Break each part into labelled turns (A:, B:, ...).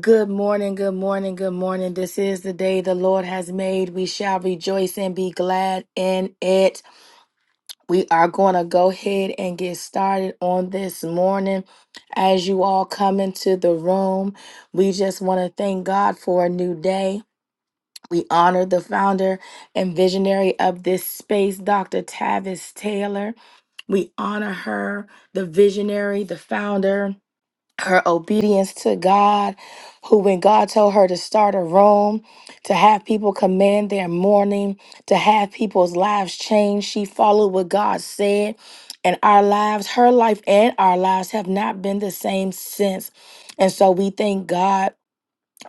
A: Good morning, good morning, good morning. This is the day the Lord has made. We shall rejoice and be glad in it. We are going to go ahead and get started on this morning. As you all come into the room, we just want to thank God for a new day. We honor the founder and visionary of this space, Dr. Tavis Taylor. We honor her, the visionary, the founder her obedience to God, who, when God told her to start a room, to have people command their morning, to have people's lives change, she followed what God said. And our lives, her life and our lives have not been the same since. And so we thank God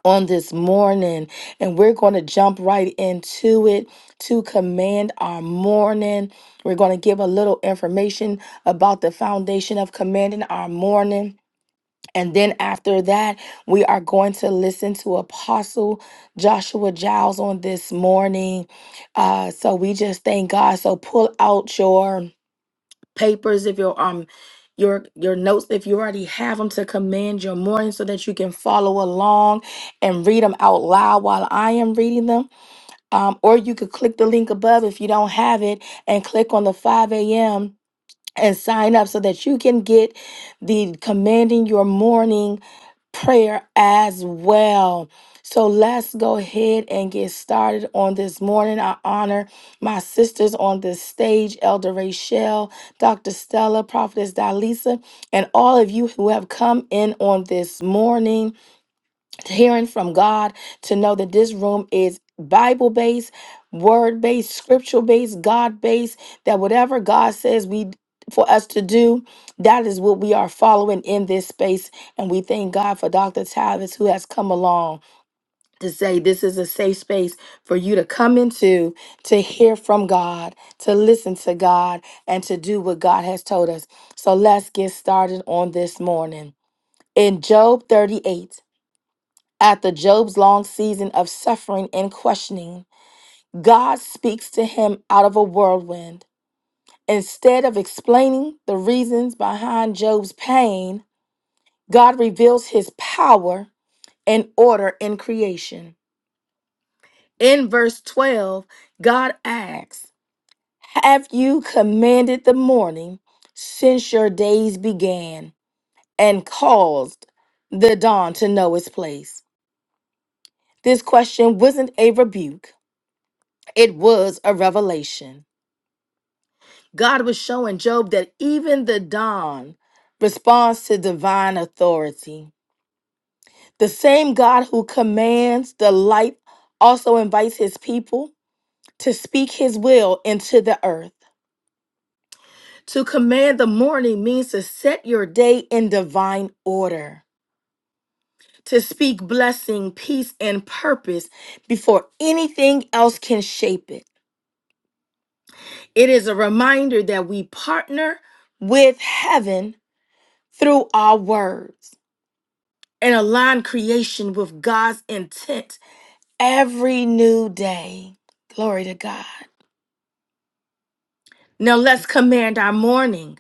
A: on this morning, and we're going to jump right into it to command our morning. We're going to give a little information about the foundation of commanding our morning and then after that, we are going to listen to Apostle Joshua Giles on this morning. Uh, so we just thank God. So pull out your papers if you're um your your notes if you already have them to command your morning so that you can follow along and read them out loud while I am reading them. Um, or you could click the link above if you don't have it and click on the 5 a.m and sign up so that you can get the commanding your morning prayer as well. So let's go ahead and get started on this morning. I honor my sisters on this stage, Elder Rachel, Dr. Stella, Prophetess Dalisa, and all of you who have come in on this morning hearing from God to know that this room is Bible based, word based, scriptural based, God based, that whatever God says we for us to do, that is what we are following in this space. And we thank God for Dr. Tavis who has come along to say this is a safe space for you to come into to hear from God, to listen to God, and to do what God has told us. So let's get started on this morning. In Job 38, after Job's long season of suffering and questioning, God speaks to him out of a whirlwind. Instead of explaining the reasons behind Job's pain, God reveals his power and order in creation. In verse 12, God asks, Have you commanded the morning since your days began and caused the dawn to know its place? This question wasn't a rebuke It was a revelation. God was showing Job that even the dawn responds to divine authority. The same God who commands the light also invites his people to speak his will into the earth. To command the morning means to set your day in divine order, to speak blessing, peace, and purpose before anything else can shape it. It is a reminder that we partner with heaven through our words and align creation with God's intent every new day. Glory to God. Now let's command our morning.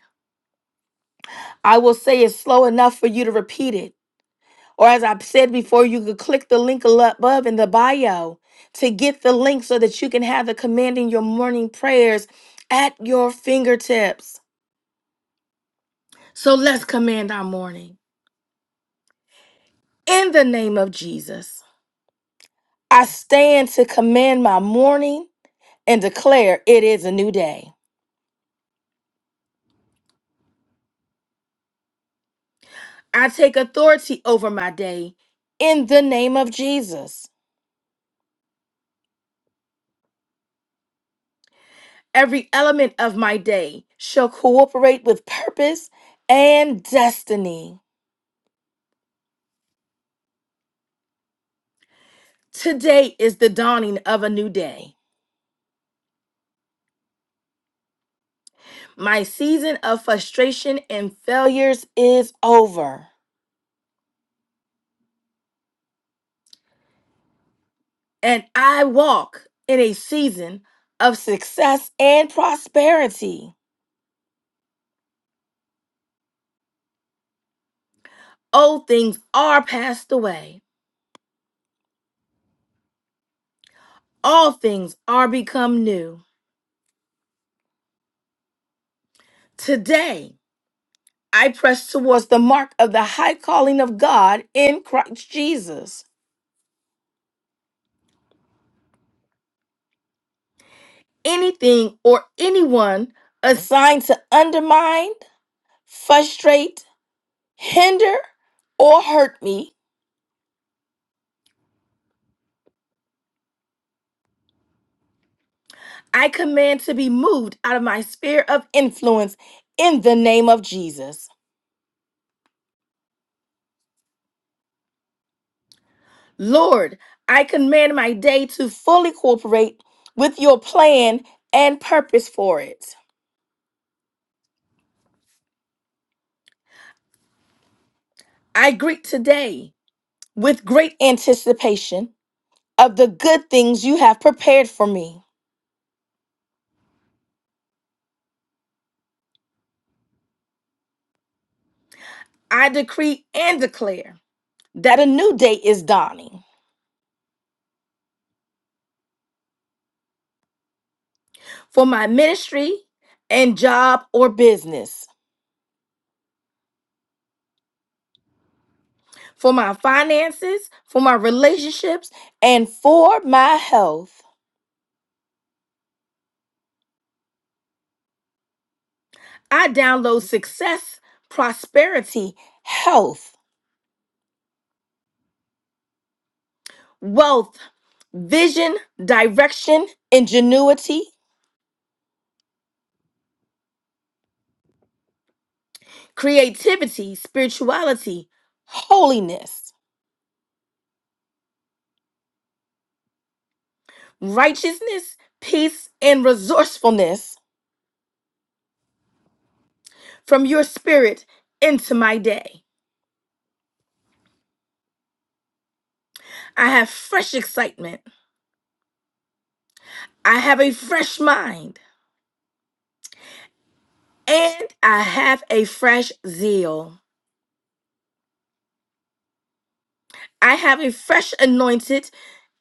A: I will say it slow enough for you to repeat it. Or as I've said before, you could click the link above in the bio to get the link so that you can have the commanding your morning prayers at your fingertips. So let's command our morning. In the name of Jesus, I stand to command my morning and declare it is a new day. I take authority over my day in the name of Jesus. Every element of my day shall cooperate with purpose and destiny. Today is the dawning of a new day. My season of frustration and failures is over, and I walk in a season of success and prosperity. Old things are passed away, all things are become new. Today, I press towards the mark of the high calling of God in Christ Jesus. Anything or anyone assigned to undermine, frustrate, hinder, or hurt me, I command to be moved out of my sphere of influence in the name of Jesus. Lord, I command my day to fully cooperate with your plan and purpose for it. I greet today with great anticipation of the good things you have prepared for me. I decree and declare that a new day is dawning for my ministry and job or business, for my finances, for my relationships, and for my health. I download success, prosperity, health, wealth, vision, direction, ingenuity, creativity, spirituality, holiness righteousness, peace, and resourcefulness from your spirit into my day. I have fresh excitement. I have a fresh mind. And I have a fresh zeal. I have a fresh anointed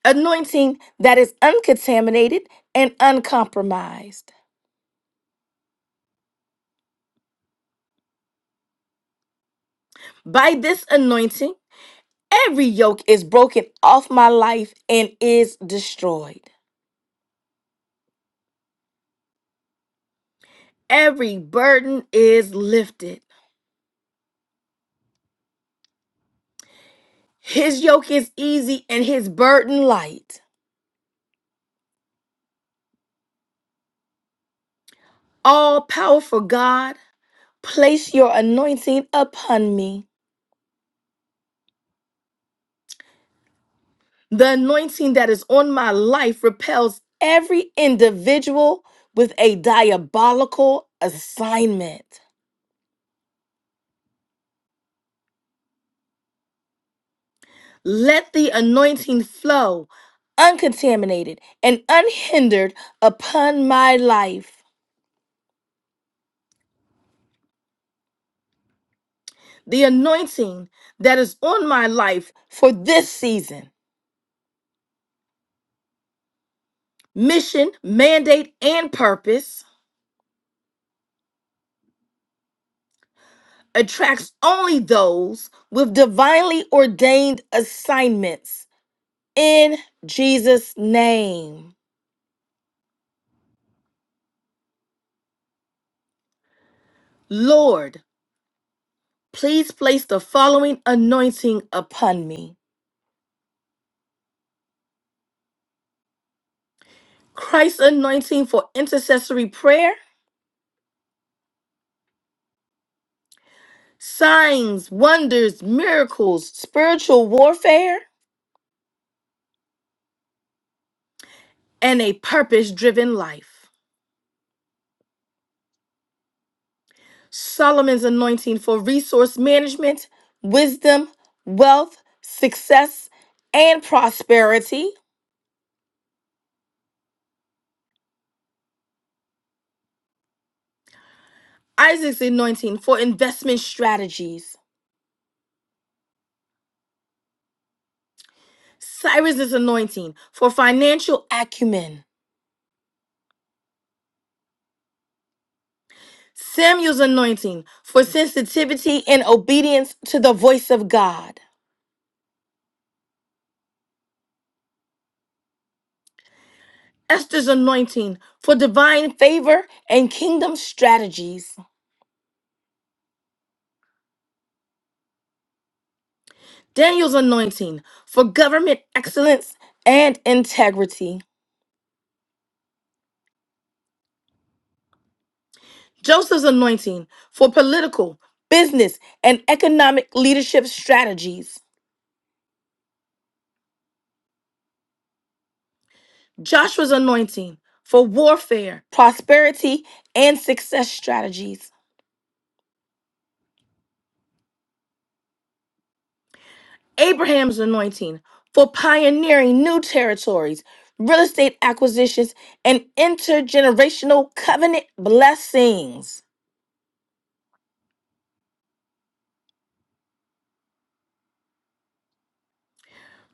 A: anointing that is uncontaminated and uncompromised. By this anointing, every yoke is broken off my life and is destroyed. Every burden is lifted. His yoke is easy and his burden light. All powerful God, place your anointing upon me. The anointing that is on my life repels every individual with a diabolical assignment. Let the anointing flow uncontaminated and unhindered upon my life. The anointing that is on my life for this season Mission, mandate, and purpose attracts only those with divinely ordained assignments. In Jesus' name. Lord, please place the following anointing upon me Christ's anointing for intercessory prayer, signs, wonders, miracles, spiritual warfare, and a purpose driven life. Solomon's anointing for resource management, wisdom, wealth, success, and prosperity. Isaac's anointing for investment strategies. Cyrus's anointing for financial acumen. Samuel's anointing for sensitivity and obedience to the voice of God. Esther's anointing for divine favor and kingdom strategies. Daniel's anointing for government excellence and integrity. Joseph's anointing for political, business, and economic leadership strategies. Joshua's anointing for warfare, prosperity, and success strategies. Abraham's anointing for pioneering new territories, real estate acquisitions, and intergenerational covenant blessings.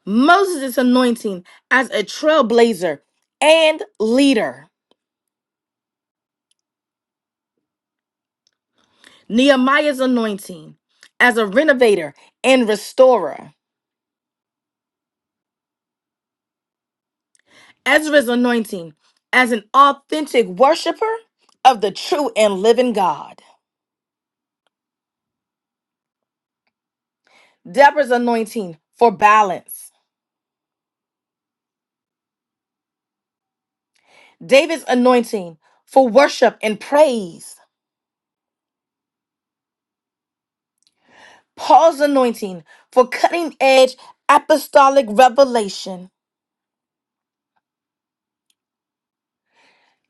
A: Moses' anointing as a trailblazer and leader. Nehemiah's anointing as a renovator and restorer, Ezra's anointing as an authentic worshiper of the true and living God, Deborah's anointing for balance, David's anointing for worship and praise, Paul's anointing for cutting edge apostolic revelation,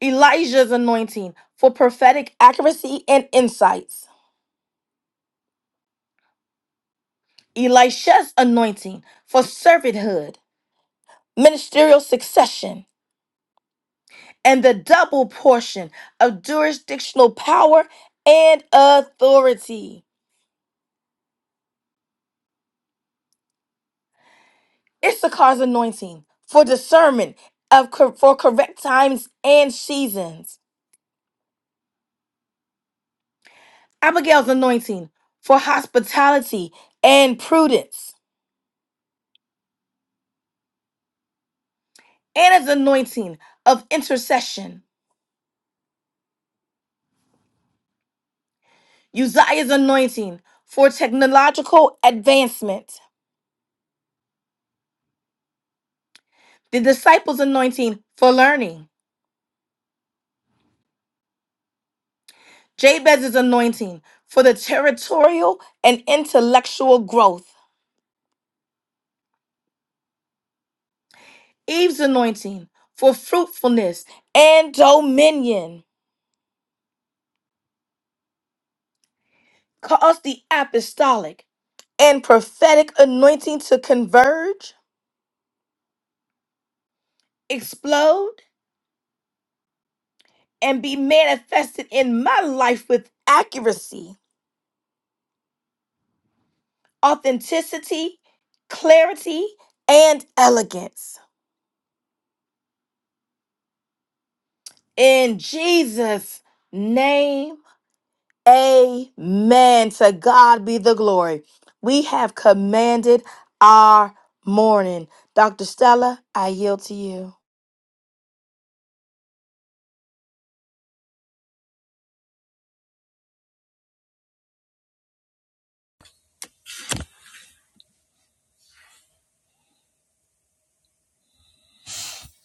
A: Elijah's anointing for prophetic accuracy and insights, Elisha's anointing for servanthood. ministerial succession, and the double portion of jurisdictional power and authority. Issachar's anointing for discernment of cor- for correct times and seasons. Abigail's anointing for hospitality and prudence. Anna's anointing of intercession. Uzziah's anointing for technological advancement. The disciples' anointing for learning. Jabez's anointing for the territorial and intellectual growth. Eve's anointing for fruitfulness and dominion. Cause the apostolic and prophetic anointing to converge, explode, and be manifested in my life with accuracy, authenticity, clarity, and elegance. In Jesus' name Amen. To God be the glory. We have commanded our morning. Dr. Stella, I yield to you.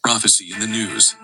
B: Prophecy in the news.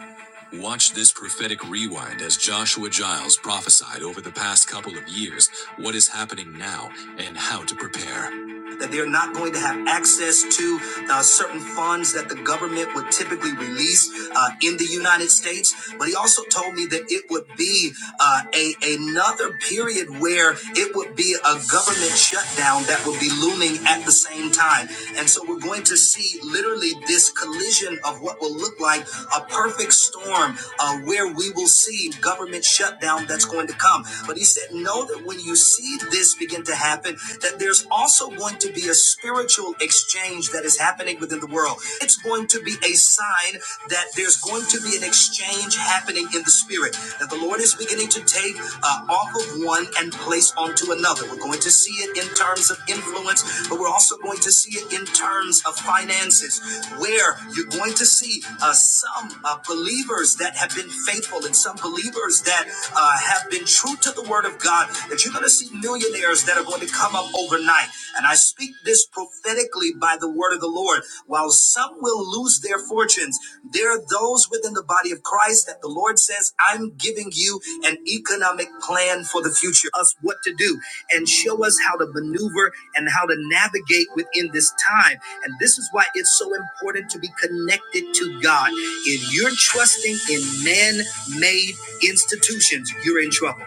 B: Watch this prophetic rewind as Joshua Giles prophesied over the past couple of years what is happening now and how to prepare that they're not going to have access to uh, certain funds that the government would typically release uh, in the United States. But he also told me that it would be uh, a another period where it would be a government shutdown that would be looming at the same time. And so we're going to see literally this collision of what will look like a perfect storm uh, where we will see government shutdown that's going to come. But he said, know that when you see this begin to happen, happen, that there's also going to be a spiritual exchange that is happening within the world. It's going to be a sign that there's going to be an exchange happening in the spirit, that the Lord is beginning to take uh, off of one and place onto another. We're going to see it in terms of influence, but we're also going to see it in terms of finances, where you're going to see uh, some uh, believers that have been faithful and some believers that uh, have been true to the word of God, that you're going you're going to see millionaires that are going to come up overnight. And I speak this prophetically by the word of the Lord. While some will lose their fortunes, there are those within the body of Christ that the Lord says, I'm giving you an economic plan for the future, us what to do, and show us how to maneuver and how to navigate within this time. And this is why it's so important to be connected to God. If you're trusting in man made institutions, you're in trouble.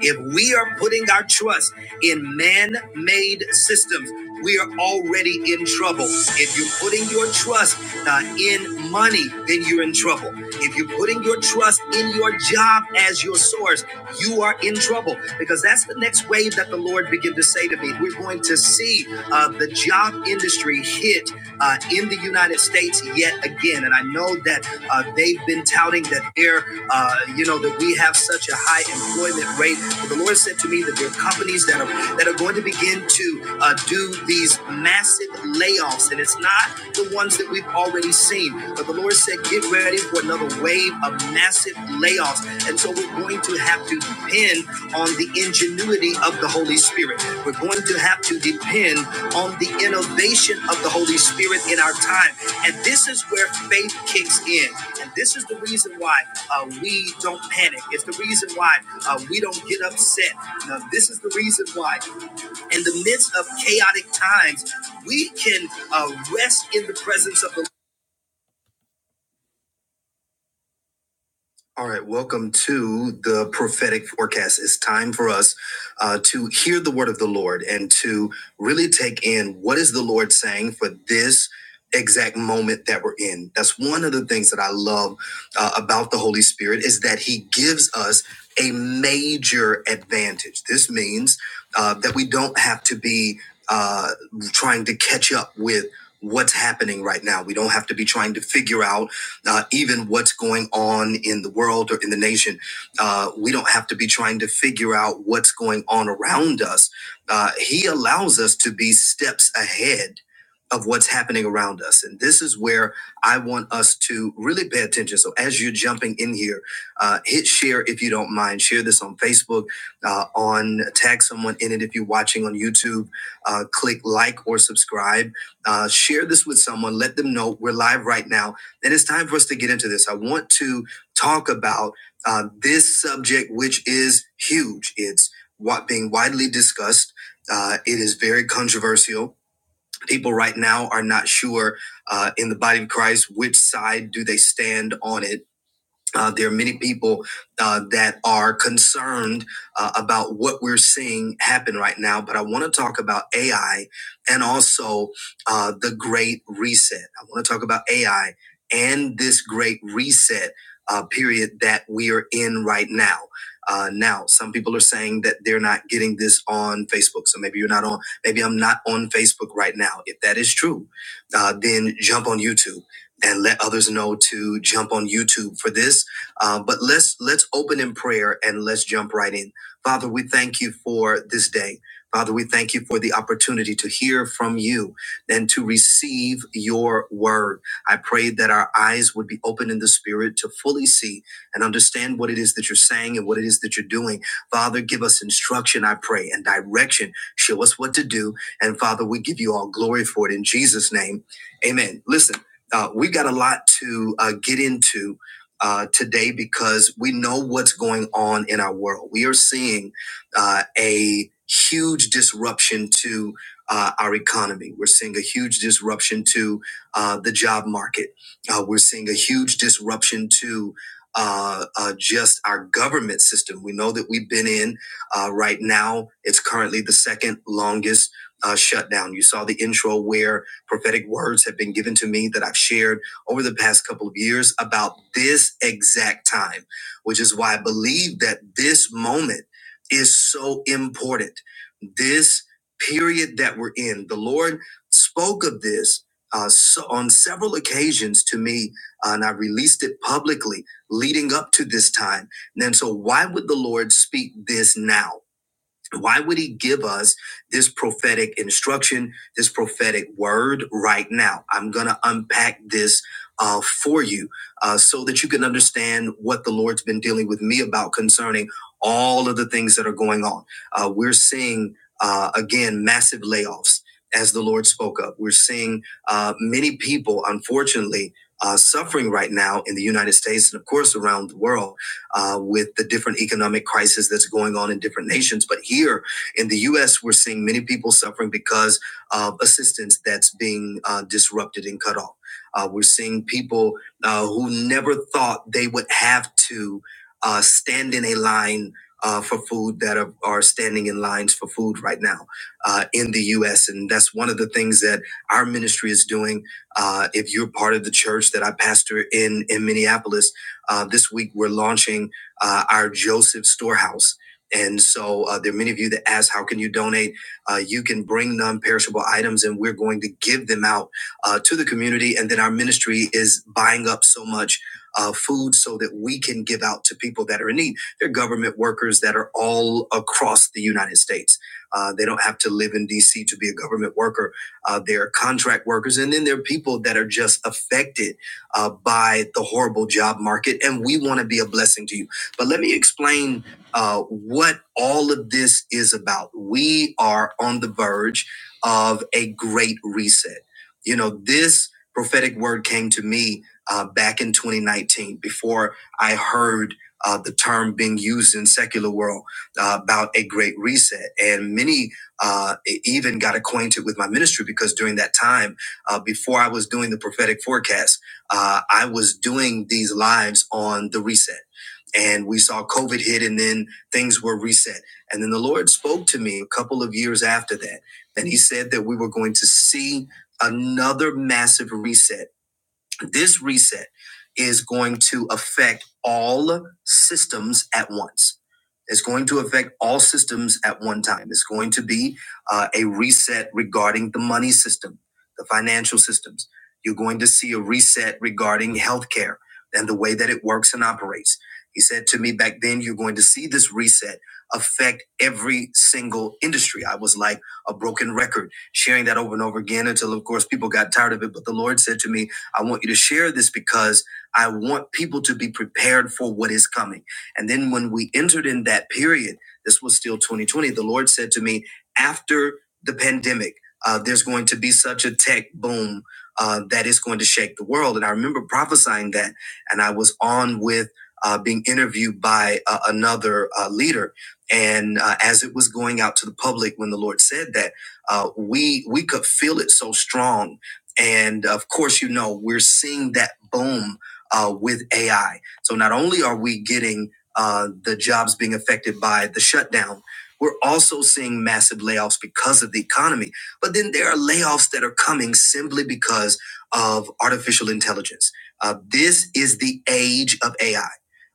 B: If we are putting our trust in man made systems, we are already in trouble. If you're putting your trust uh, in money, then you're in trouble. If you're putting your trust in your job as your source, you are in trouble because that's the next wave that the Lord began to say to me. We're going to see uh, the job industry hit uh, in the United States yet again. And I know that uh, they've been touting that their uh, you know that we have such a high employment rate. But the Lord said to me that there are companies that are that are going to begin to uh, do these massive layoffs, and it's not the ones that we've already seen. But the Lord said, get ready for another wave of massive layoffs, and so we're going to have to depend on the ingenuity of the Holy Spirit. We're going to have to depend on the innovation of the Holy Spirit in our time. And this is where faith kicks in. And this is the reason why uh, we don't panic. It's the reason why uh, we don't get upset. Now, this is the reason why, in the midst of chaotic times, we can uh, rest in the presence of the All right, welcome to the prophetic forecast. It's time for us uh, to hear the word of the Lord and to really take in what is the Lord saying for this exact moment that we're in. That's one of the things that I love uh, about the Holy Spirit is that He gives us a major advantage. This means uh, that we don't have to be uh, trying to catch up with what's happening right now. We don't have to be trying to figure out uh, even what's going on in the world or in the nation. Uh, we don't have to be trying to figure out what's going on around us. Uh, he allows us to be steps ahead of what's happening around us. And this is where I want us to really pay attention. So as you're jumping in here, uh, hit share if you don't mind. Share this on Facebook, uh, on tag someone in it if you're watching on YouTube. Uh, click like or subscribe. Uh, share this with someone. Let them know we're live right now and it's time for us to get into this. I want to talk about uh, this subject, which is huge. It's what being widely discussed. Uh, it is very controversial. People right now are not sure uh, in the body of Christ which side do they stand on it uh, there are many people uh, that are concerned uh, about what we're seeing happen right now, but I want to talk about AI and also uh, the Great Reset. I want to talk about AI and this Great Reset uh, period that we are in right now. Uh, now, some people are saying that they're not getting this on Facebook. So maybe you're not on, maybe I'm not on Facebook right now. If that is true, uh, then jump on YouTube and let others know to jump on YouTube for this uh, but let's let's open in prayer and let's jump right in. Father, we thank you for this day. Father, we thank you for the opportunity to hear from you and to receive your word. I pray that our eyes would be open in the spirit to fully see and understand what it is that you're saying and what it is that you're doing. Father, give us instruction, I pray, and direction. Show us what to do. And Father, we give you all glory for it in Jesus' name. Amen. Listen, uh, we've got a lot to uh, get into uh, today because we know what's going on in our world. We are seeing uh, a huge disruption to uh, our economy. We're seeing a huge disruption to uh, the job market. Uh, we're seeing a huge disruption to uh, uh, just our government system. We know that we've been in uh, right now. It's currently the second longest uh, shutdown. You saw the intro where prophetic words have been given to me that I've shared over the past couple of years about this exact time, which is why I believe that this moment is so important. This period that we're in, the Lord spoke of this uh, so on several occasions to me, uh, and I released it publicly leading up to this time. And then, so why would the Lord speak this now? Why would he give us this prophetic instruction, this prophetic word right now? I'm going to unpack this uh, for you uh, so that you can understand what the Lord's been dealing with me about concerning all of the things that are going on. Uh, we're seeing, uh, again, massive layoffs as the Lord spoke of. We're seeing uh, many people, unfortunately, uh, suffering right now in the United States and, of course, around the world uh, with the different economic crisis that's going on in different nations. But here in the U.S., we're seeing many people suffering because of assistance that's being uh, disrupted and cut off. Uh, we're seeing people uh, who never thought they would have to uh, stand in a line uh, for food that are, are standing in lines for food right now uh, in the U.S. And that's one of the things that our ministry is doing. Uh, if you're part of the church that I pastor in in Minneapolis, uh, this week, we're launching uh, our Joseph Storehouse. And so uh, there are many of you that ask, how can you donate? Uh, you can bring non-perishable items and we're going to give them out uh, to the community. And then our ministry is buying up so much uh, food so that we can give out to people that are in need. They're government workers that are all across the United States. Uh, they don't have to live in DC to be a government worker. Uh, they're contract workers. And then there are people that are just affected uh, by the horrible job market, and we want to be a blessing to you. But let me explain uh, what all of this is about. We are on the verge of a great reset. You know, this prophetic word came to me uh, back in 2019 before I heard uh, the term being used in secular world uh, about a great reset, and many uh, e- even got acquainted with my ministry because during that time, uh, before I was doing the prophetic forecast uh, I was doing these lives on the reset. And we saw COVID hit and then things were reset. And then the Lord spoke to me a couple of years after that. And he said that we were going to see another massive reset this reset is going to affect all systems at once. It's going to affect all systems at one time. It's going to be uh, a reset regarding the money system, the financial systems. You're going to see a reset regarding healthcare and the way that it works and operates. He said to me back then, you're going to see this reset affect every single industry. I was like a broken record, sharing that over and over again until, of course, people got tired of it. But the Lord said to me, I want you to share this because I want people to be prepared for what is coming. And then when we entered in that period, this was still 2020, the Lord said to me, after the pandemic, uh, there's going to be such a tech boom uh, that is going to shake the world. And I remember prophesying that. And I was on with uh, being interviewed by uh, another uh, leader. And uh, as it was going out to the public, when the Lord said that, uh, we we could feel it so strong and of course, you know, we're seeing that boom uh, with AI. So not only are we getting uh, the jobs being affected by the shutdown, we're also seeing massive layoffs because of the economy. But then there are layoffs that are coming simply because of artificial intelligence. Uh, this is the age of AI.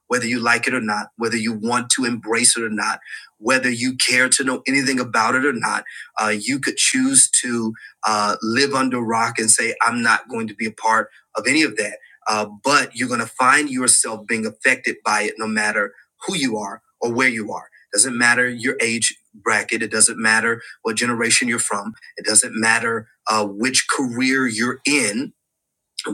B: Whether you like it or not, whether you want to embrace it or not, whether you care to know anything about it or not, uh, you could choose to uh, live under a rock and say, I'm not going to be a part of any of that. Uh, but you're going to find yourself being affected by it no matter who you are or where you are. Doesn't matter your age bracket. It doesn't matter what generation you're from. It doesn't matter uh, which career you're in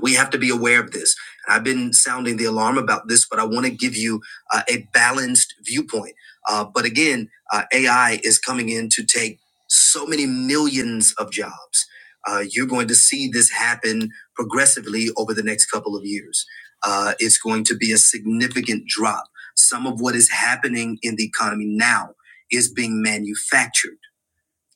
B: we have to be aware of this. And I've been sounding the alarm about this, but I want to give you uh, a balanced viewpoint. Uh, but again, uh, AI is coming in to take so many millions of jobs. Uh, you're going to see this happen progressively over the next couple of years. Uh, it's going to be a significant drop. Some of what is happening in the economy now is being manufactured.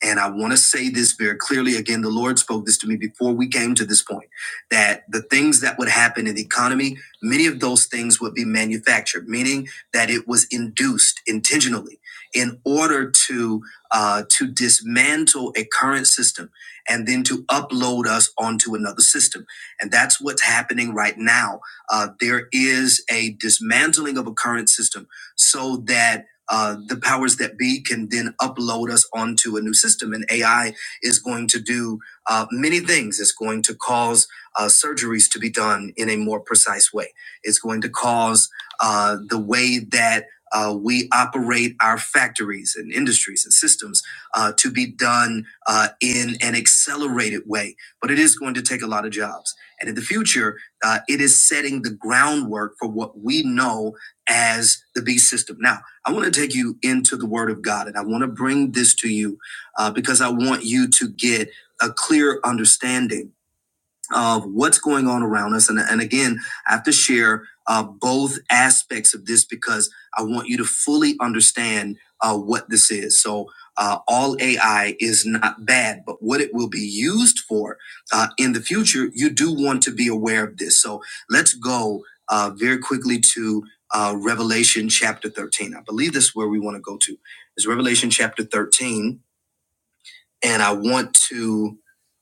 B: And I want to say this very clearly. Again, the Lord spoke this to me before we came to this point that the things that would happen in the economy, many of those things would be manufactured, meaning that it was induced intentionally in order to uh, to dismantle a current system and then to upload us onto another system. And that's what's happening right now. Uh, there is a dismantling of a current system so that uh, the powers that be can then upload us onto a new system. And AI is going to do uh, many things. It's going to cause uh, surgeries to be done in a more precise way. It's going to cause uh, the way that uh, we operate our factories and industries and systems uh, to be done uh, in an accelerated way. But it is going to take a lot of jobs. And in the future, uh, it is setting the groundwork for what we know as the B system now I want to take you into the Word of God, and I want to bring this to you uh, because I want you to get a clear understanding of what's going on around us. And, and again, I have to share uh, both aspects of this because I want you to fully understand uh, what this is. So, uh, all AI is not bad, but what it will be used for uh, in the future, you do want to be aware of this. So, let's go uh, very quickly to uh, Revelation chapter 13. I believe this is where we want to go to, is Revelation chapter 13 and I want to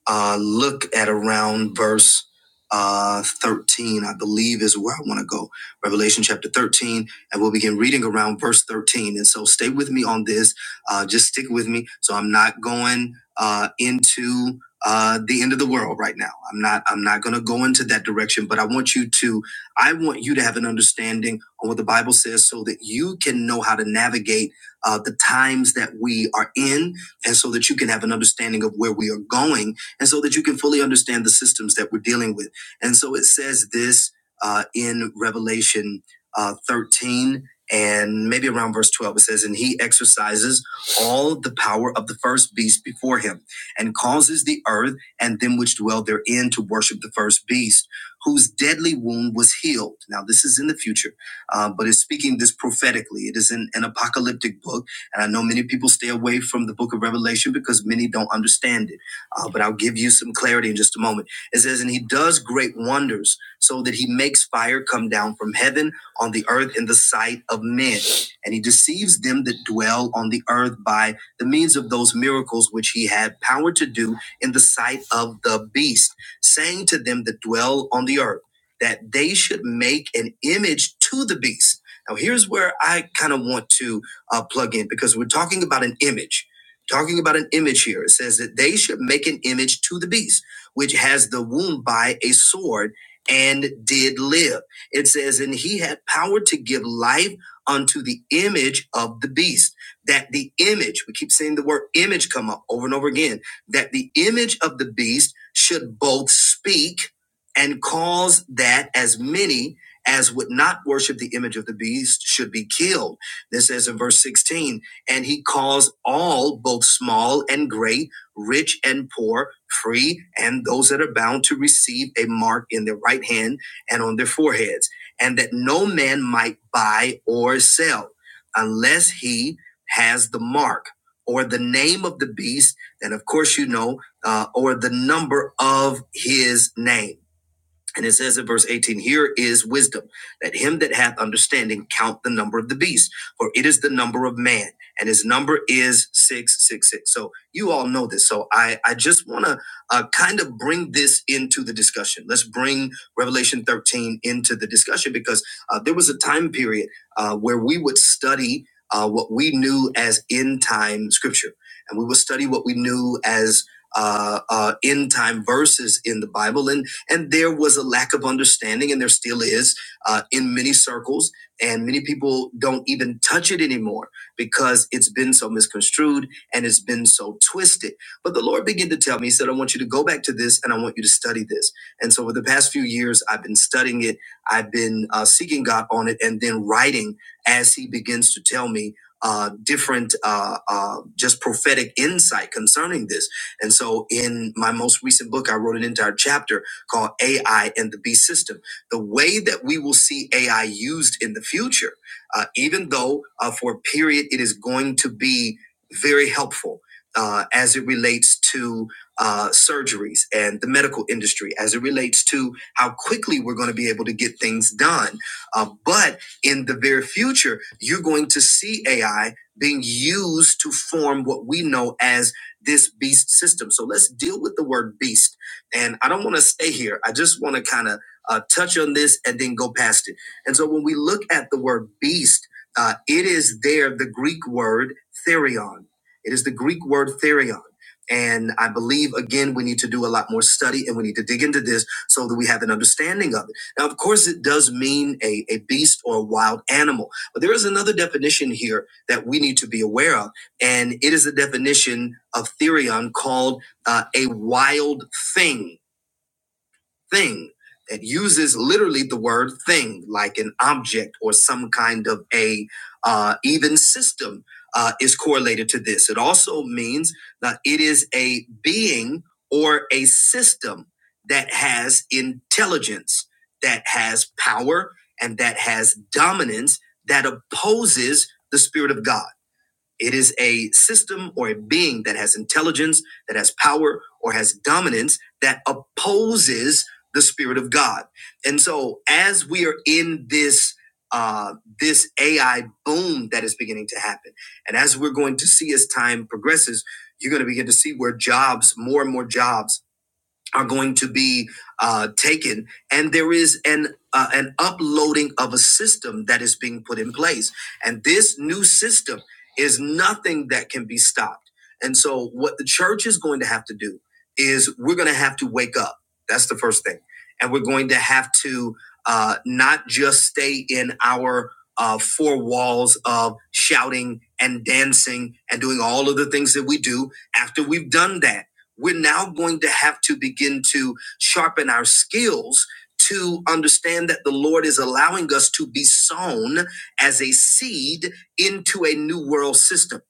B: uh, look at around verse uh, 13, I believe is where I want to go. Revelation chapter 13, and we'll begin reading around verse 13. And so stay with me on this. Uh, just stick with me. So I'm not going uh, into uh, the end of the world right now. I'm not. I'm not going to go into that direction. But I want you to. I want you to have an understanding on what the Bible says, so that you can know how to navigate uh, the times that we are in, and so that you can have an understanding of where we are going, and so that you can fully understand the systems that we're dealing with. And so it says this uh, in Revelation uh, 13 and maybe around verse 12. It says, And he exercises all the power of the first beast before him, and causes the earth and them which dwell therein to worship the first beast, whose deadly wound was healed. Now, this is in the future, uh, but it's speaking this prophetically. It is in an apocalyptic book and I know many people stay away from the book of Revelation because many don't understand it. Uh, but I'll give you some clarity in just a moment. It says, And he does great wonders so that he makes fire come down from heaven on the earth in the sight of men. And he deceives them that dwell on the earth by the means of those miracles which he had power to do in the sight of the beast, saying to them that dwell on the earth, that they should make an image to the beast. Now, here's where I kind of want to uh, plug in because we're talking about an image. Talking about an image here. It says that they should make an image to the beast, which has the wound by a sword and did live. It says, and he had power to give life unto the image of the beast. That the image, we keep seeing the word image come up over and over again, that the image of the beast should both speak and cause that as many as would not worship the image of the beast should be killed. This says in verse 16, and he calls all, both small and great, rich and poor, free, and those that are bound to receive a mark in their right hand and on their foreheads, and that no man might buy or sell unless he has the mark or the name of the beast, and of course you know, uh, or the number of his name. And it says in verse 18, here is wisdom, that him that hath understanding count the number of the beast, for it is the number of man, and his number is 666. So you all know this. So I, I just want to uh, kind of bring this into the discussion. Let's bring Revelation 13 into the discussion because uh, there was a time period uh, where we would study uh, what we knew as end time scripture, and we would study what we knew as uh, uh, end time verses in the Bible. And there was a lack of understanding, and there still is uh, in many circles. And many people don't even touch it anymore because it's been so misconstrued and it's been so twisted. But the Lord began to tell me, He said, I want you to go back to this and I want you to study this. And so, for the past few years, I've been studying it, I've been uh, seeking God on it, and then writing as He begins to tell me uh, different, uh, uh, just prophetic insight concerning this. And so, in my most recent book, I wrote an entire chapter called AI and the Beast system. The way that we will see AI used in the future, uh, even though uh, for a period it is going to be very helpful uh, as it relates to uh, surgeries and the medical industry, as it relates to how quickly we're going to be able to get things done. Uh, but in the very future, you're going to see AI being used to form what we know as this beast system. So let's deal with the word beast and I don't want to stay here. I just want to kind of uh, touch on this and then go past it. And so when we look at the word beast, uh, it is there the Greek word therion. It is the Greek word therion. And I believe, again, we need to do a lot more study and we need to dig into this so that we have an understanding of it. Now, of course, it does mean a, a beast or a wild animal, but there is another definition here that we need to be aware of. And it is a definition of therion called uh, a wild thing, thing that uses literally the word thing, like an object or some kind of a uh, even system uh, is correlated to this. It also means that it is a being or a system that has intelligence, that has power, and that has dominance that opposes the spirit of God. It is a system or a being that has intelligence, that has power, or has dominance that opposes the spirit of God. And so, as we are in this uh, this AI boom that is beginning to happen, and as we're going to see as time progresses, you're going to begin to see where jobs, more and more jobs are going to be uh, taken, and there is an uh, an uploading of a system that is being put in place, and this new system is nothing that can be stopped. And so, what the church is going to have to do is we're going to have to wake up. That's the first thing, and we're going to have to uh, not just stay in our uh, four walls of shouting and dancing and doing all of the things that we do after we've done that we're now going to have to begin to sharpen our skills to understand that the Lord is allowing us to be sown as a seed into a new world system.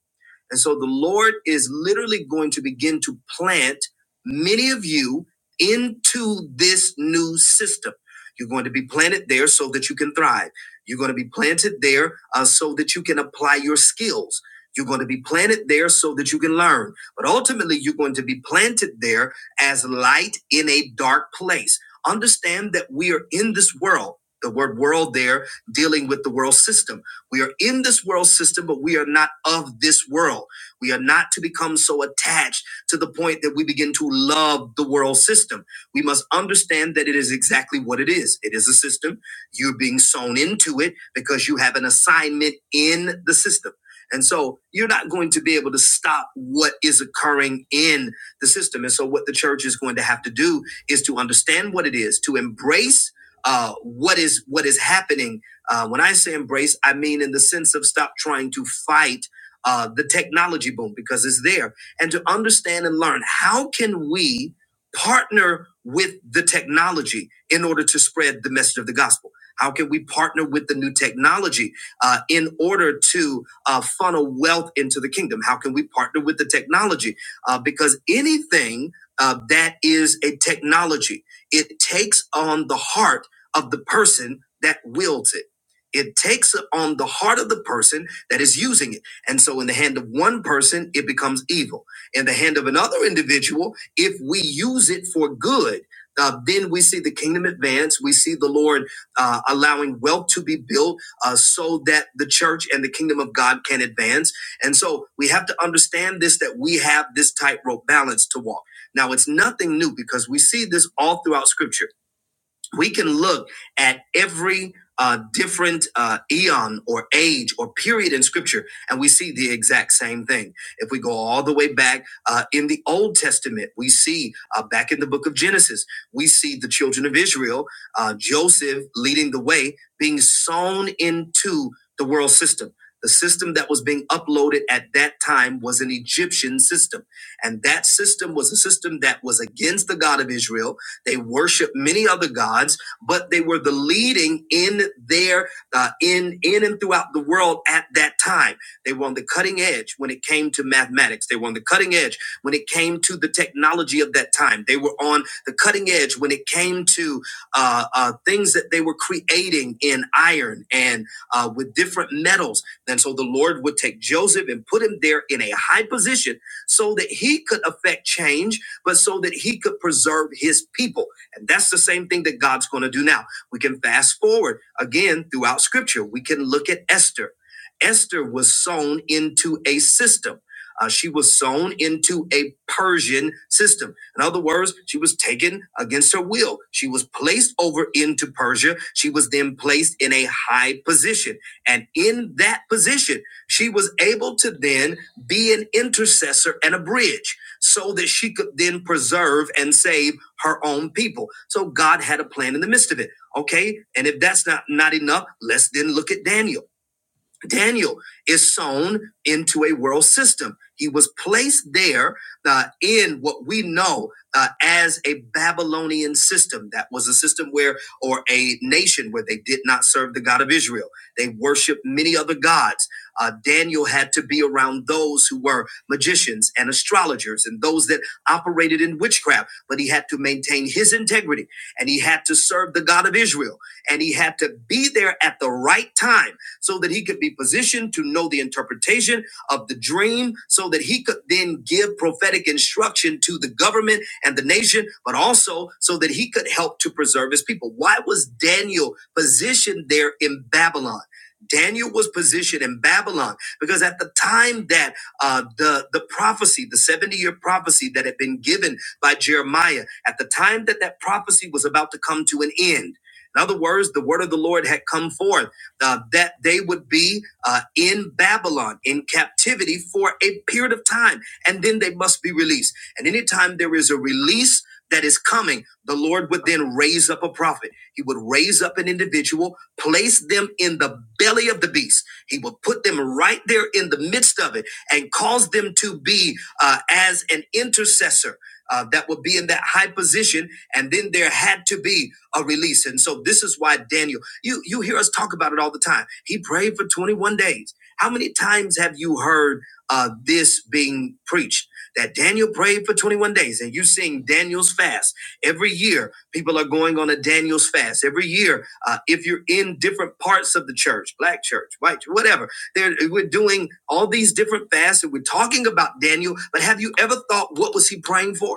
B: And so the Lord is literally going to begin to plant many of you into this new system. You're going to be planted there so that you can thrive. You're going to be planted there uh, so that you can apply your skills. You're going to be planted there so that you can learn. But ultimately, you're going to be planted there as light in a dark place. Understand that we are in this world. The word world there dealing with the world system. We are in this world system, but we are not of this world. We are not to become so attached to the point that we begin to love the world system. We must understand that it is exactly what it is. It is a system. You're being sown into it because you have an assignment in the system. And so you're not going to be able to stop what is occurring in the system. And so what the church is going to have to do is to understand what it is, to embrace uh, what is what is happening uh, when I say embrace, I mean in the sense of stop trying to fight uh, the technology boom because it's there, and to understand and learn how can we partner with the technology in order to spread the message of the gospel. How can we partner with the new technology uh, in order to uh, funnel wealth into the kingdom? How can we partner with the technology? Uh, because anything uh, that is a technology, it takes on the heart of the person that wields it it takes on the heart of the person that is using it. And so, in the hand of one person, it becomes evil. In the hand of another individual, if we use it for good, uh, then we see the kingdom advance. We see the Lord uh, allowing wealth to be built uh, so that the church and the kingdom of God can advance. And so, we have to understand this that we have this tightrope balance to walk. Now, it's nothing new because we see this all throughout scripture we can look at every uh, different uh, eon or age or period in scripture and we see the exact same thing if we go all the way back uh, in the old testament we see uh, back in the book of genesis we see the children of israel uh, joseph leading the way being sown into the world system the system that was being uploaded at that time was an Egyptian system. And that system was a system that was against the God of Israel they worshiped many other gods, but they were the leading in their uh, in in and throughout the world at that time. They were on the cutting edge when it came to mathematics. They were on the cutting edge when it came to the technology of that time. They were on the cutting edge when it came to uh, uh, things that they were creating in iron and uh, with different metals. And so the Lord would take Joseph and put him there in a high position so that he could affect change but so that he could preserve his people. And that's the same thing that God's going to do now. We can fast forward again throughout scripture. We can look at Esther. Esther was sown into a system. Uh, she was sown into a Persian system. In other words, she was taken against her will. She was placed over into Persia. She was then placed in a high position. And in that position, she was able to then be an intercessor and a bridge so that she could then preserve and save her own people. So God had a plan in the midst of it. Okay. And if that's not, not enough, let's then look at Daniel. Daniel is sown into a world system. He was placed there uh, in what we know uh, as a Babylonian system. That was a system where, or a nation where they did not serve the God of Israel. They worshiped many other gods. Uh, Daniel had to be around those who were magicians and astrologers and those that operated in witchcraft, but he had to maintain his integrity and he had to serve the God of Israel and he had to be there at the right time so that he could be positioned to know the interpretation of the dream, so that he could then give prophetic instruction to the government and the nation, but also so that he could help to preserve his people. Why was Daniel positioned there in Babylon? Daniel was positioned in Babylon because at the time that uh, the the prophecy, the seventy year prophecy that had been given by Jeremiah, at the time that that prophecy was about to come to an end. In other words, the word of the Lord had come forth uh, that they would be uh, in Babylon in captivity for a period of time, and then they must be released. And anytime there is a release that is coming, the Lord would then raise up a prophet. He would raise up an individual, place them in the belly of the beast. He would put them right there in the midst of it and cause them to be uh, as an intercessor. Uh, that would be in that high position, and then there had to be a release. And so, this is why Daniel. You you hear us talk about it all the time. He prayed for 21 days. How many times have you heard uh, this being preached? That Daniel prayed for 21 days, and you sing Daniel's fast every year. People are going on a Daniel's fast every year. Uh, if you're in different parts of the church, black church, white, church, whatever, there we're doing all these different fasts, and we're talking about Daniel. But have you ever thought what was he praying for?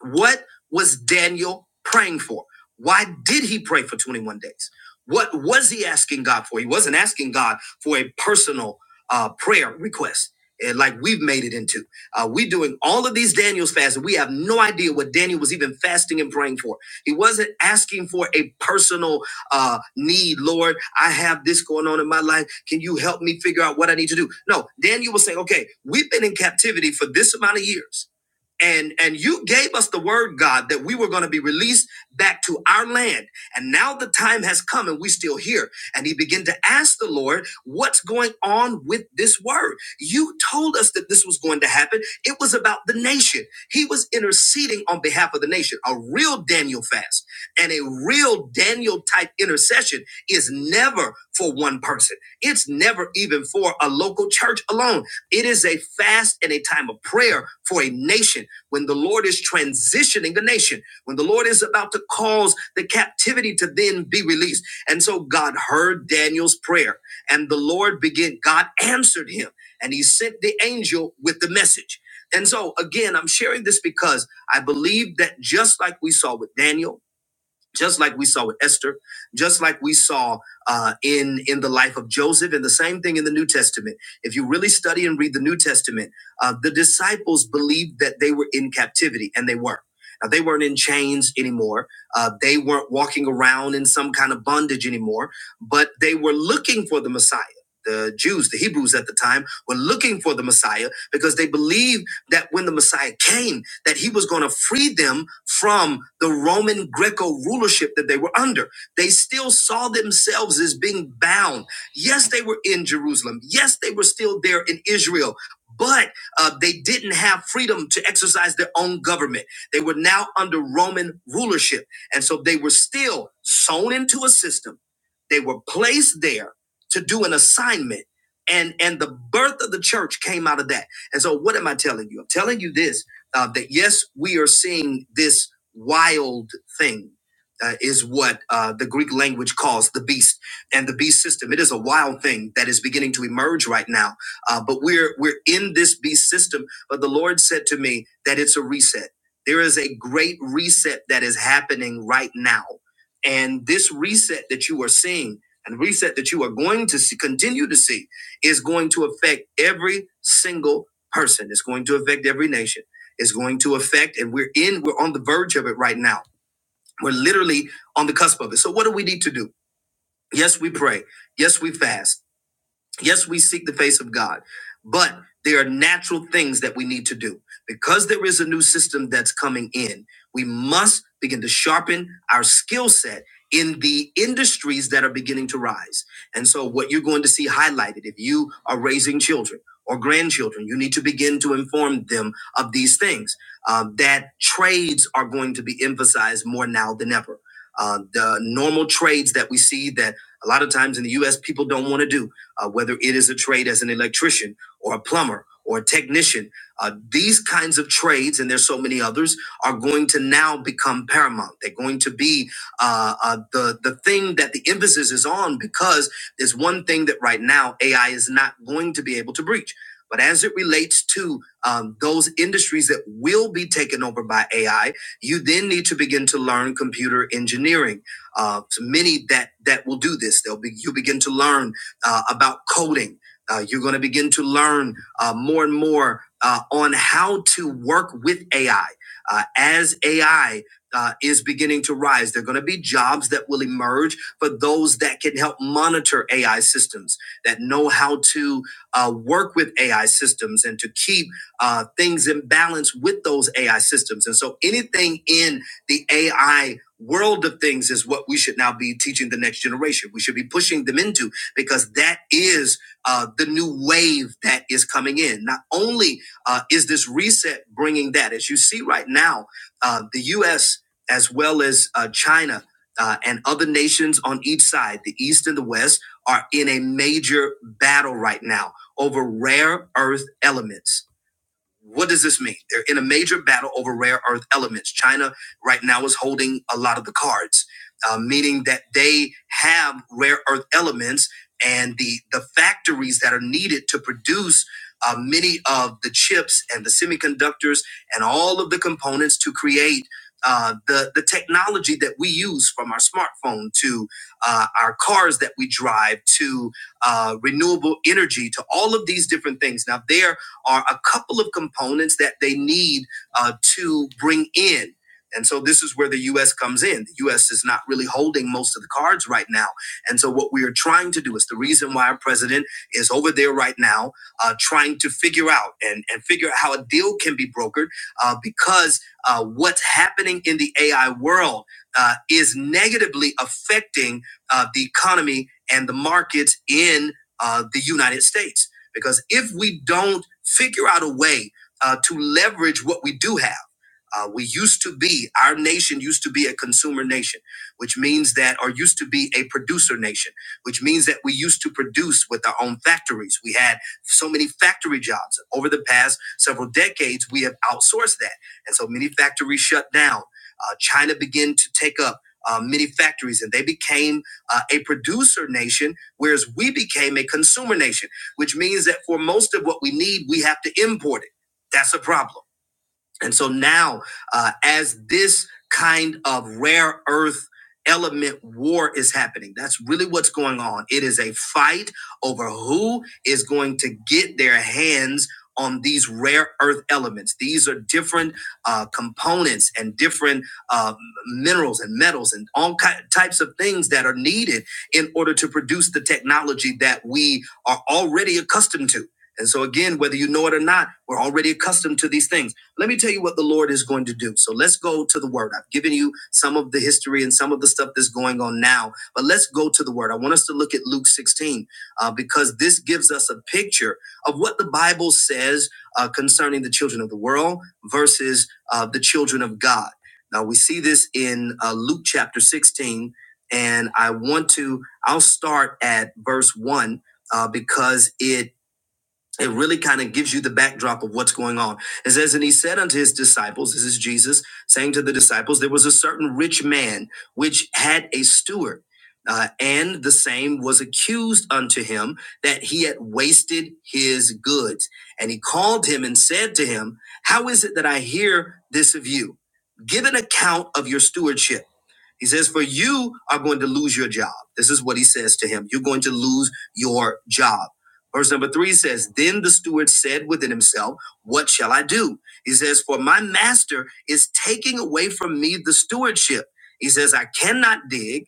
B: What was Daniel praying for? Why did he pray for 21 days? What was he asking God for? He wasn't asking God for a personal uh, prayer request. eh, like we've made it into. Uh, we doing all of these Daniel's fasts, and we have no idea what Daniel was even fasting and praying for. He wasn't asking for a personal uh, need. Lord, I have this going on in my life. Can you help me figure out what I need to do? No, Daniel was saying, okay, we've been in captivity for this amount of years and and you gave us the word god that we were going to be released back to our land and now the time has come and we still here and he began to ask the lord what's going on with this word you told us that this was going to happen it was about the nation he was interceding on behalf of the nation a real daniel fast and a real daniel type intercession is never for one person it's never even for a local church alone it is a fast and a time of prayer for a nation when the Lord is transitioning a nation, when the Lord is about to cause the captivity to then be released. And so God heard Daniel's prayer, and the Lord began, God answered him, and he sent the angel with the message. And so, again, I'm sharing this because I believe that just like we saw with Daniel, just like we saw with Esther, just like we saw uh, in in the life of Joseph, and the same thing in the New Testament. If you really study and read the New Testament, uh, the disciples believed that they were in captivity, and they were. Now they weren't in chains anymore. Uh, they weren't walking around in some kind of bondage anymore, but they were looking for the Messiah. The Jews, the Hebrews at the time, were looking for the Messiah because they believed that when the Messiah came, that he was going to free them from the Roman Greco rulership that they were under. They still saw themselves as being bound. Yes, they were in Jerusalem. Yes, they were still there in Israel. But uh, they didn't have freedom to exercise their own government. They were now under Roman rulership. And so they were still sewn into a system. They were placed there to do an assignment. And, and the birth of the church came out of that. And so, what am I telling you? I'm telling you this uh, that yes, we are seeing this wild thing. Uh, is what uh, the Greek language calls the beast and the beast system. It is a wild thing that is beginning to emerge right now. Uh, but we're we're in this beast system. But the Lord said to me that it's a reset. There is a great reset that is happening right now, and this reset that you are seeing and reset that you are going to see, continue to see is going to affect every single person. It's going to affect every nation is going to affect, and we're in, we're on the verge of it right now. We're literally on the cusp of it. So, what do we need to do? Yes, we pray. Yes, we fast. Yes, we seek the face of God, but there are natural things that we need to do. Because there is a new system that's coming in, we must begin to sharpen our skill set in the industries that are beginning to rise. And so, what you're going to see highlighted if you are raising children or grandchildren, you need to begin to inform them of these things. Uh, that trades are going to be emphasized more now than ever. Uh, the normal trades that we see that a lot of times in the US people don't want to do uh, whether it is a trade as an electrician or a plumber or a technician. Uh, these kinds of trades, and there's so many others, are going to now become paramount. They're going to be uh, uh, the the thing that the emphasis is on because there's one thing that right now AI is not going to be able to breach. But as it relates to um, those industries that will be taken over by AI, you then need to begin to learn computer engineering. Uh, so many that that will do this. They'll be you begin to learn uh, about coding. Uh, you're going to begin to learn uh, more and more uh, on how to work with AI. Uh, as AI uh, is beginning to rise, there are going to be jobs that will emerge for those that can help monitor AI systems, that know how to uh, work with AI systems and to keep uh, things in balance with those AI systems. And so anything in the AI world of things is what we should now be teaching the next generation. We should be pushing them into because that is uh, the new wave that is coming in. Not only uh, is this reset bringing that, as you see right now, uh, the U.S. as well as uh, China uh, and other nations on each side, the East and the West, are in a major battle right now over rare earth elements. What does this mean? They're in a major battle over rare earth elements. China right now is holding a lot of the cards, uh, meaning that they have rare earth elements and the the factories that are needed to produce uh, many of the chips and the semiconductors and all of the components to create. Uh, the the technology that we use from our smartphone to uh, our cars that we drive to uh, renewable energy to all of these different things. Now there are a couple of components that they need uh, to bring in. And so this is where the U.S. comes in. The U.S. is not really holding most of the cards right now. And so what we are trying to do is the reason why our president is over there right now, uh, trying to figure out and, and figure out how a deal can be brokered uh, because uh, what's happening in the AI world uh, is negatively affecting uh, the economy and the markets in uh, the United States. Because if we don't figure out a way uh, to leverage what we do have, uh, we used to be, our nation used to be a consumer nation, which means that, or used to be a producer nation, which means that we used to produce with our own factories. We had so many factory jobs. Over the past several decades, we have outsourced that. And so many factories shut down. Uh, China began to take up uh, many factories and they became uh, a producer nation, whereas we became a consumer nation which means that for most of what we need, we have to import it. That's a problem. And so now, uh, as this kind of rare earth element war is happening, that's really what's going on. It is a fight over who is going to get their hands on these rare earth elements. These are different uh, components and different uh, minerals and metals and all ki- types of things that are needed in order to produce the technology that we are already accustomed to. And so, again, whether you know it or not, we're already accustomed to these things. Let me tell you what the Lord is going to do. So let's go to the word. I've given you some of the history and some of the stuff that's going on now, but let's go to the word. I want us to look at Luke 16 uh, because this gives us a picture of what the Bible says uh, concerning the children of the world versus uh, the children of God. Now we see this in uh, Luke chapter 16, and I want to, I'll start at verse 1 uh, because it it really kind of gives you the backdrop of what's going on. It says, And he said unto his disciples, This is Jesus saying to the disciples, There was a certain rich man which had a steward, uh, and the same was accused unto him that he had wasted his goods. And he called him and said to him, How is it that I hear this of you? Give an account of your stewardship. He says, For you are going to lose your job. This is what he says to him. You're going to lose your job. Verse number three says, Then the steward said within himself, What shall I do? He says, For my master is taking away from me the stewardship. He says, I cannot dig.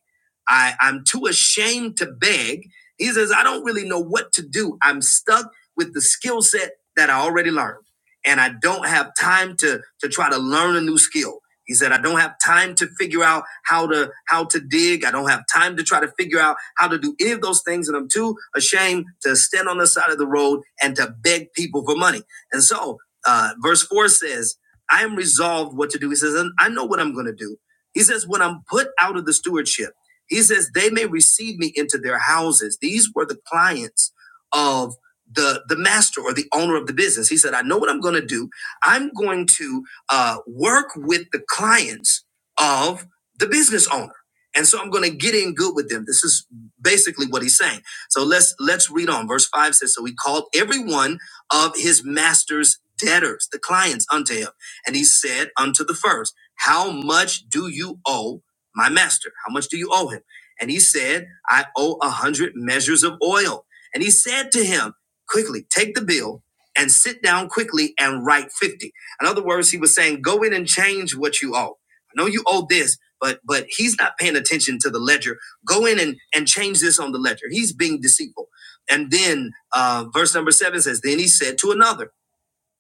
B: I, I'm too ashamed to beg. He says, I don't really know what to do. I'm stuck with the skill set that I already learned. And I don't have time to, to try to learn a new skill. He said, I don't have time to figure out how to how to dig. I don't have time to try to figure out how to do any of those things. And I'm too ashamed to stand on the side of the road and to beg people for money. And so uh, verse four says, I am resolved what to do. He says, and I know what I'm gonna do. He says, when I'm put out of the stewardship, he says, they may receive me into their houses. These were the clients of the the master or the owner of the business. He said, I know what I'm gonna do. I'm going to uh, work with the clients of the business owner. And so I'm going to get in good with them. This is basically what he's saying. So let's let's read on. Verse five says, "So he called every one of his master's debtors, the clients, unto him, and he said unto the first, How much do you owe my master? How much do you owe him?" And he said, "I owe a hundred measures of oil." And he said to him, "Quickly, take the bill and sit down quickly and write fifty. In other words, he was saying, go in and change what you owe. I know you owe this, but but he's not paying attention to the ledger. Go in and, and change this on the ledger. He's being deceitful. And then uh, verse number seven says, Then he said to another.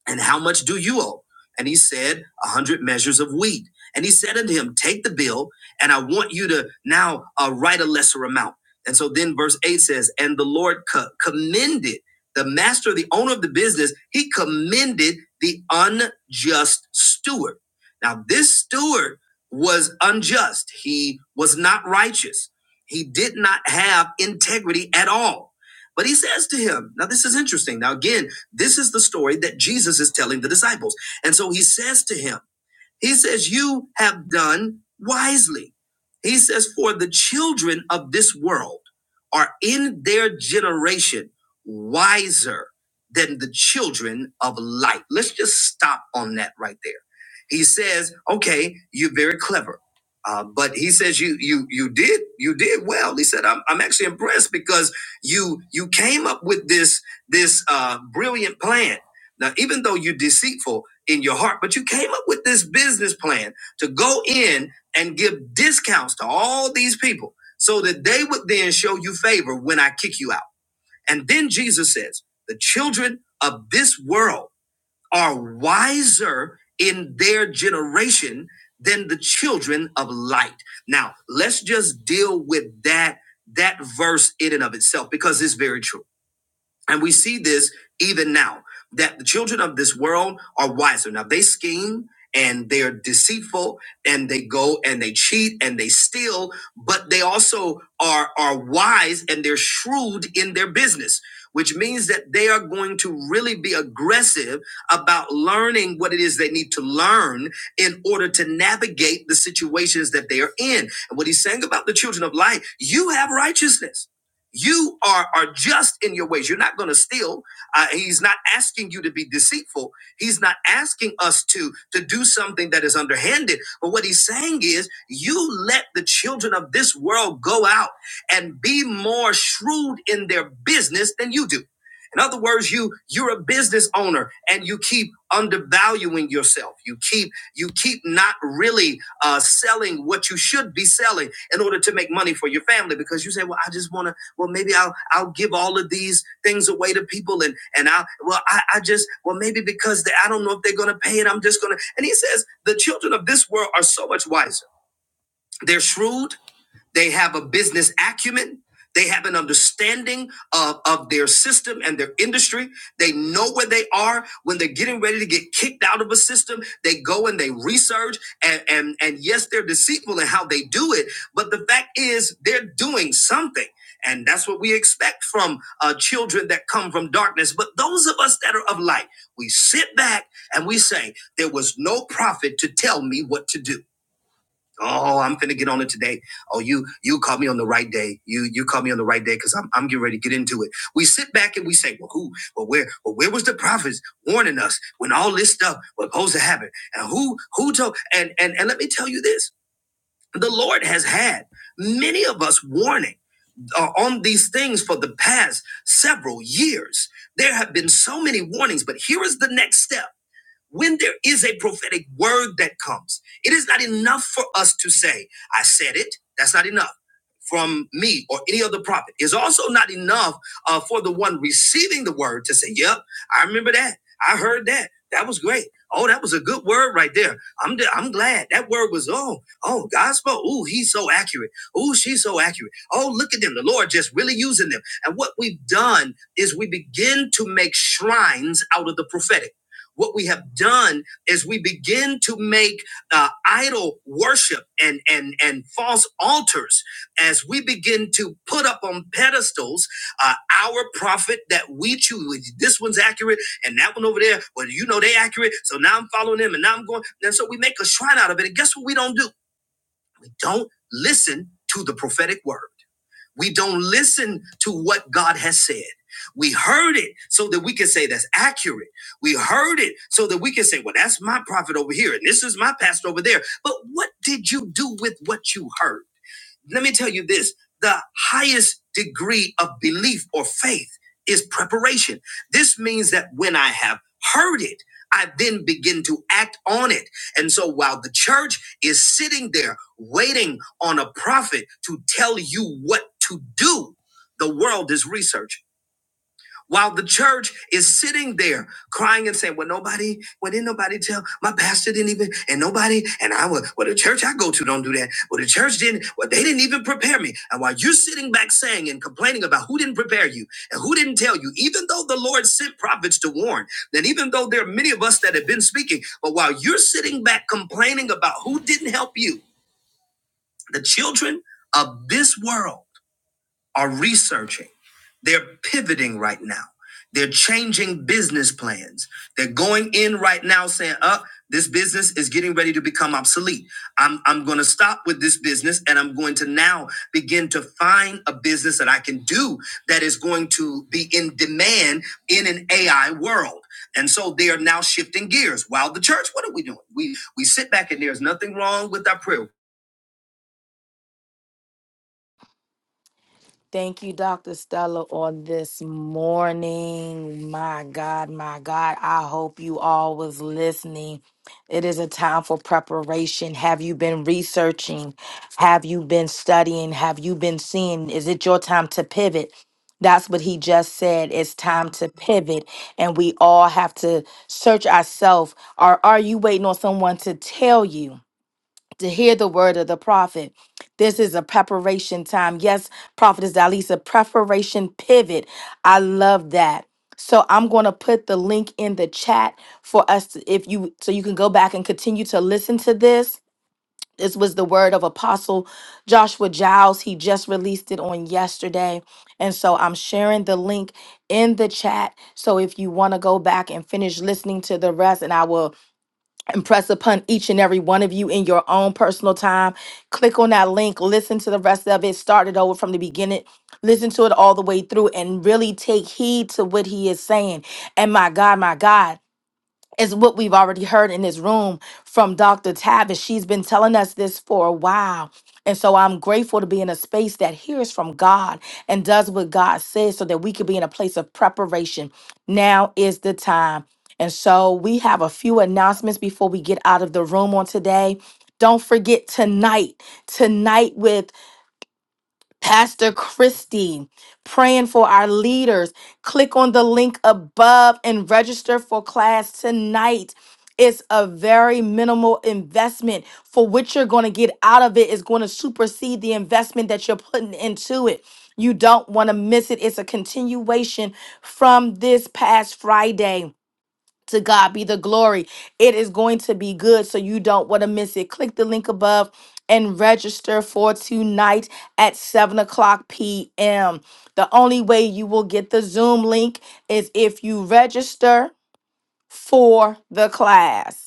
B: And how much do you owe? And he said, A hundred measures of wheat. And he said unto him, Take the bill, and I want you to now uh, write a lesser amount. And so then verse 8 says, And the Lord co- commended the master, the owner of the business, he commended the unjust steward. Now, this steward was unjust. He was not righteous. He did not have integrity at all. But he says to him, Now, this is interesting. Now, again, this is the story that Jesus is telling the disciples. And so he says to him, he says, You have done wisely. He says, For the children of this world are in their generation wiser than the children of light. Let's just stop on that right there. He says, Okay, you're very clever. Uh, but he says you you you did you did well. He said I'm, I'm actually impressed because you you came up with this this uh, brilliant plan. Now even though you're deceitful, in your heart, but you came up with this business plan to go in and give discounts to all these people so that they would then show you favor when I kick you out. And then Jesus says, The children of this world are wiser in their generation than the children of light. Now, let's just deal with that that verse in and of itself because it's very true. And we see this even now that the children of this world are wiser. Now they scheme and they're deceitful and they go and they cheat and they steal, but they also are, are wise and they're shrewd in their business, which means that they are going to really be aggressive about learning what it is they need to learn in order to navigate the situations that they are in. And what he's saying about the children of light, you have righteousness you are are just in your ways you're not going to steal uh, he's not asking you to be deceitful he's not asking us to to do something that is underhanded but what he's saying is you let the children of this world go out and be more shrewd in their business than you do in other words you you're a business owner and you keep undervaluing yourself you keep you keep not really uh, selling what you should be selling in order to make money for your family because you say well i just want to well maybe i'll i'll give all of these things away to people and and i well i, I just well maybe because they, i don't know if they're gonna pay it i'm just gonna and he says the children of this world are so much wiser they're shrewd they have a business acumen. They have an understanding of, of their system and their industry. They know where they are when they're getting ready to get kicked out of a system. They go and they research and, and, and yes, they're deceitful in how they do it. But the fact is they're doing something. And that's what we expect from uh, children that come from darkness. But those of us that are of light, we sit back and we say, there was no prophet to tell me what to do. Oh, I'm finna get on it today. Oh, you you caught me on the right day. You you caught me on the right day because I'm I'm getting ready to get into it. We sit back and we say, well, who? Well, where? Well, where was the prophets warning us when all this stuff was supposed to happen? And who who told? And and and let me tell you this: the Lord has had many of us warning uh, on these things for the past several years. There have been so many warnings, but here is the next step when there is a prophetic word that comes, it is not enough for us to say, I said it. That's not enough from me or any other prophet. It's also not enough uh, for the one receiving the word to say, Yep, I remember that. I heard that. That was great. Oh, that was a good word right there. I'm d- I'm glad that word was oh oh God spoke. Ooh, he's so accurate. Ooh, she's so accurate. Oh, look at them. The Lord just really using them. And what we've done is we begin to make shrines out of the prophetic. What we have done is we begin to make uh, idol worship and, and, and false altars as we begin to put up on pedestals uh, our prophet that we choose. This one's accurate and that one over there. Well, you know they accurate. So now I'm following them and now I'm going. And so we make a shrine out of it. And guess what we don't do? Don't listen to the prophetic word. We don't listen to what God has said. We heard it so that we can say that's accurate. We heard it so that we can say, well, that's my prophet over here and this is my pastor over there. But what did you do with what you heard? Let me tell you this the highest degree of belief or faith is preparation. This means that when I have heard it, I then begin to act on it. And so while the church is sitting there waiting on a prophet to tell you what to do, the world is researching. While the church is sitting there crying and saying, Well, nobody, well, didn't nobody tell my pastor didn't even, and nobody, and I was, well, the church I go to don't do that. Well, the church didn't, well, they didn't even prepare me. And while you're sitting back saying and complaining about who didn't prepare you and who didn't tell you, even though the Lord sent prophets to warn, and even though there are many of us that have been speaking, but while you're sitting back complaining about who didn't help you, the children of this world are researching. They're pivoting right now. They're changing business plans. They're going in right now saying, uh, this business is getting ready to become obsolete. I'm, I'm going to stop with this business and I'm going to now begin to find a business that I can do that is going to be in demand in an AI world. And so they are now shifting gears. While the church, what are we doing? We we sit back and there's nothing wrong with our prayer.
A: Thank you, Dr. Stella, on this morning. My God, my God, I hope you all was listening. It is a time for preparation. Have you been researching? Have you been studying? Have you been seeing? Is it your time to pivot? That's what he just said. It's time to pivot, and we all have to search ourselves. Or are you waiting on someone to tell you? to hear the word of the prophet. This is a preparation time. Yes, Prophetess Dalisa, preparation pivot. I love that. So I'm going to put the link in the chat for us to, if you so you can go back and continue to listen to this. This was the word of Apostle Joshua Giles. He just released it on yesterday. And so I'm sharing the link in the chat. So if you want to go back and finish listening to the rest, and I will impress upon each and every one of you in your own personal time. Click on that link, listen to the rest of it, start it over from the beginning, listen to it all the way through, and really take heed to what he is saying. And my God, my God is what we've already heard in this room from Dr. Tavis. She's been telling us this for a while. And so I'm grateful to be in a space that hears from God and does what God says so that we can be in a place of preparation. Now is the time. And so we have a few announcements before we get out of the room on today. Don't forget tonight, tonight with Pastor Christie, praying for our leaders. Click on the link above and register for class tonight. It's a very minimal investment for what you're going to get out of it is going to supersede the investment that you're putting into it. You don't want to miss it. It's a continuation from this past Friday. To God be the glory. It is going to be good, so you don't want to miss it. Click the link above and register for tonight at 7 o'clock p.m. The only way you will get the Zoom link is if you register for the class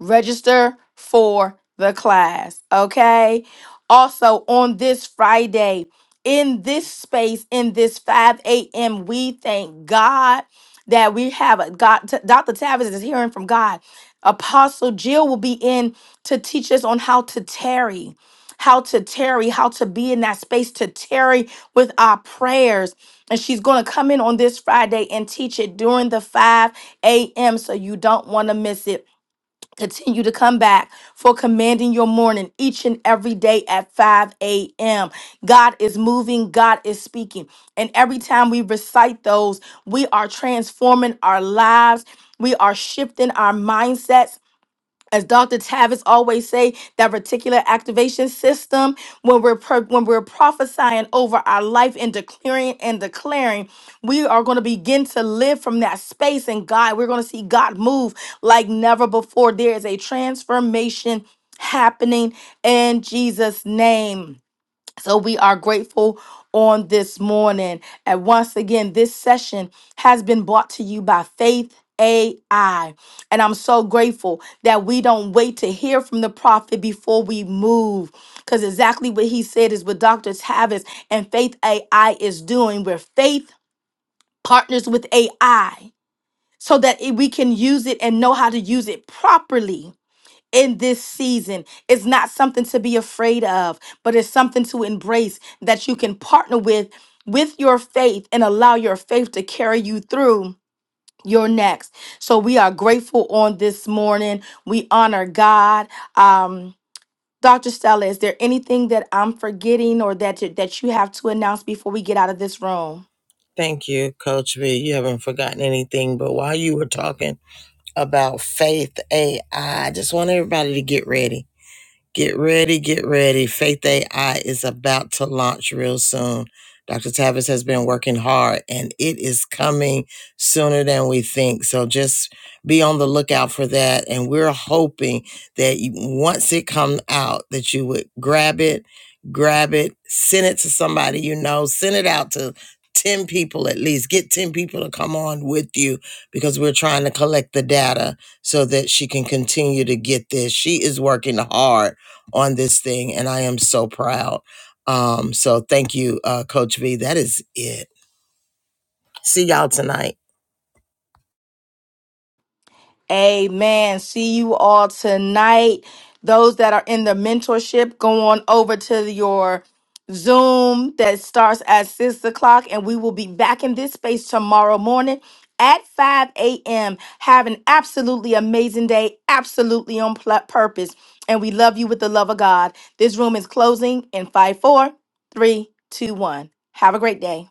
A: register for the class, okay? Also, on this Friday, in this space, in this 5 a.m., we thank God that we have a God. T- Dr. Tavis is hearing from God. Apostle Jill will be in to teach us on how to tarry, how to tarry, how to be in that space to tarry with our prayers. And she's going to come in on this Friday and teach it during the 5 a.m. So you don't want to miss it. Continue to come back for commanding your morning each and every day at 5 a.m. God is moving, God is speaking. And every time we recite those, we are transforming our lives, we are shifting our mindsets as Dr. Tavis always say, that reticular activation system, when we're pro- when we're prophesying over our life and declaring and declaring, we are going to begin to live from that space and God, we're going to see God move like never before. There is a transformation happening in Jesus' name. So we are grateful on this morning. And once again, this session has been brought to you by Faith. AI. And I'm so grateful that we don't wait to hear from the prophet before we move. Because exactly what he said is what Dr. Tavis and Faith AI is doing, where faith partners with AI so that it- we can use it and know how to use it properly in this season. It's not something to be afraid of, but it's something to embrace that you can partner with with your faith and allow your faith to carry you through your next. So we are grateful on this morning. We honor God. Um Dr. Stella, is there anything that I'm forgetting or that you, that you have to announce before we get out of this room?
B: Thank you, Coach V. You haven't forgotten anything, but while you were talking, about faith AI. just want everybody to get ready. Get ready, get ready. Faith AI is about to launch real soon. Dr. Tavis has been working hard and it is coming sooner than we think. So just be on the lookout for that. And we're hoping that you, once it comes out, that you would grab it, grab it, send it to somebody you know, send it out to 10 people at least. Get 10 people to come on with you because we're trying to collect the data so that she can continue to get this. She is working hard on this thing, and I am so proud. Um, so thank you, uh, Coach V. That is it. See y'all tonight.
A: Amen. See you all tonight. Those that are in the mentorship, go on over to your Zoom that starts at six o'clock, and we will be back in this space tomorrow morning at 5 a.m. Have an absolutely amazing day, absolutely on pl- purpose. And we love you with the love of God. This room is closing in five, four, three, two, one. Have a great day.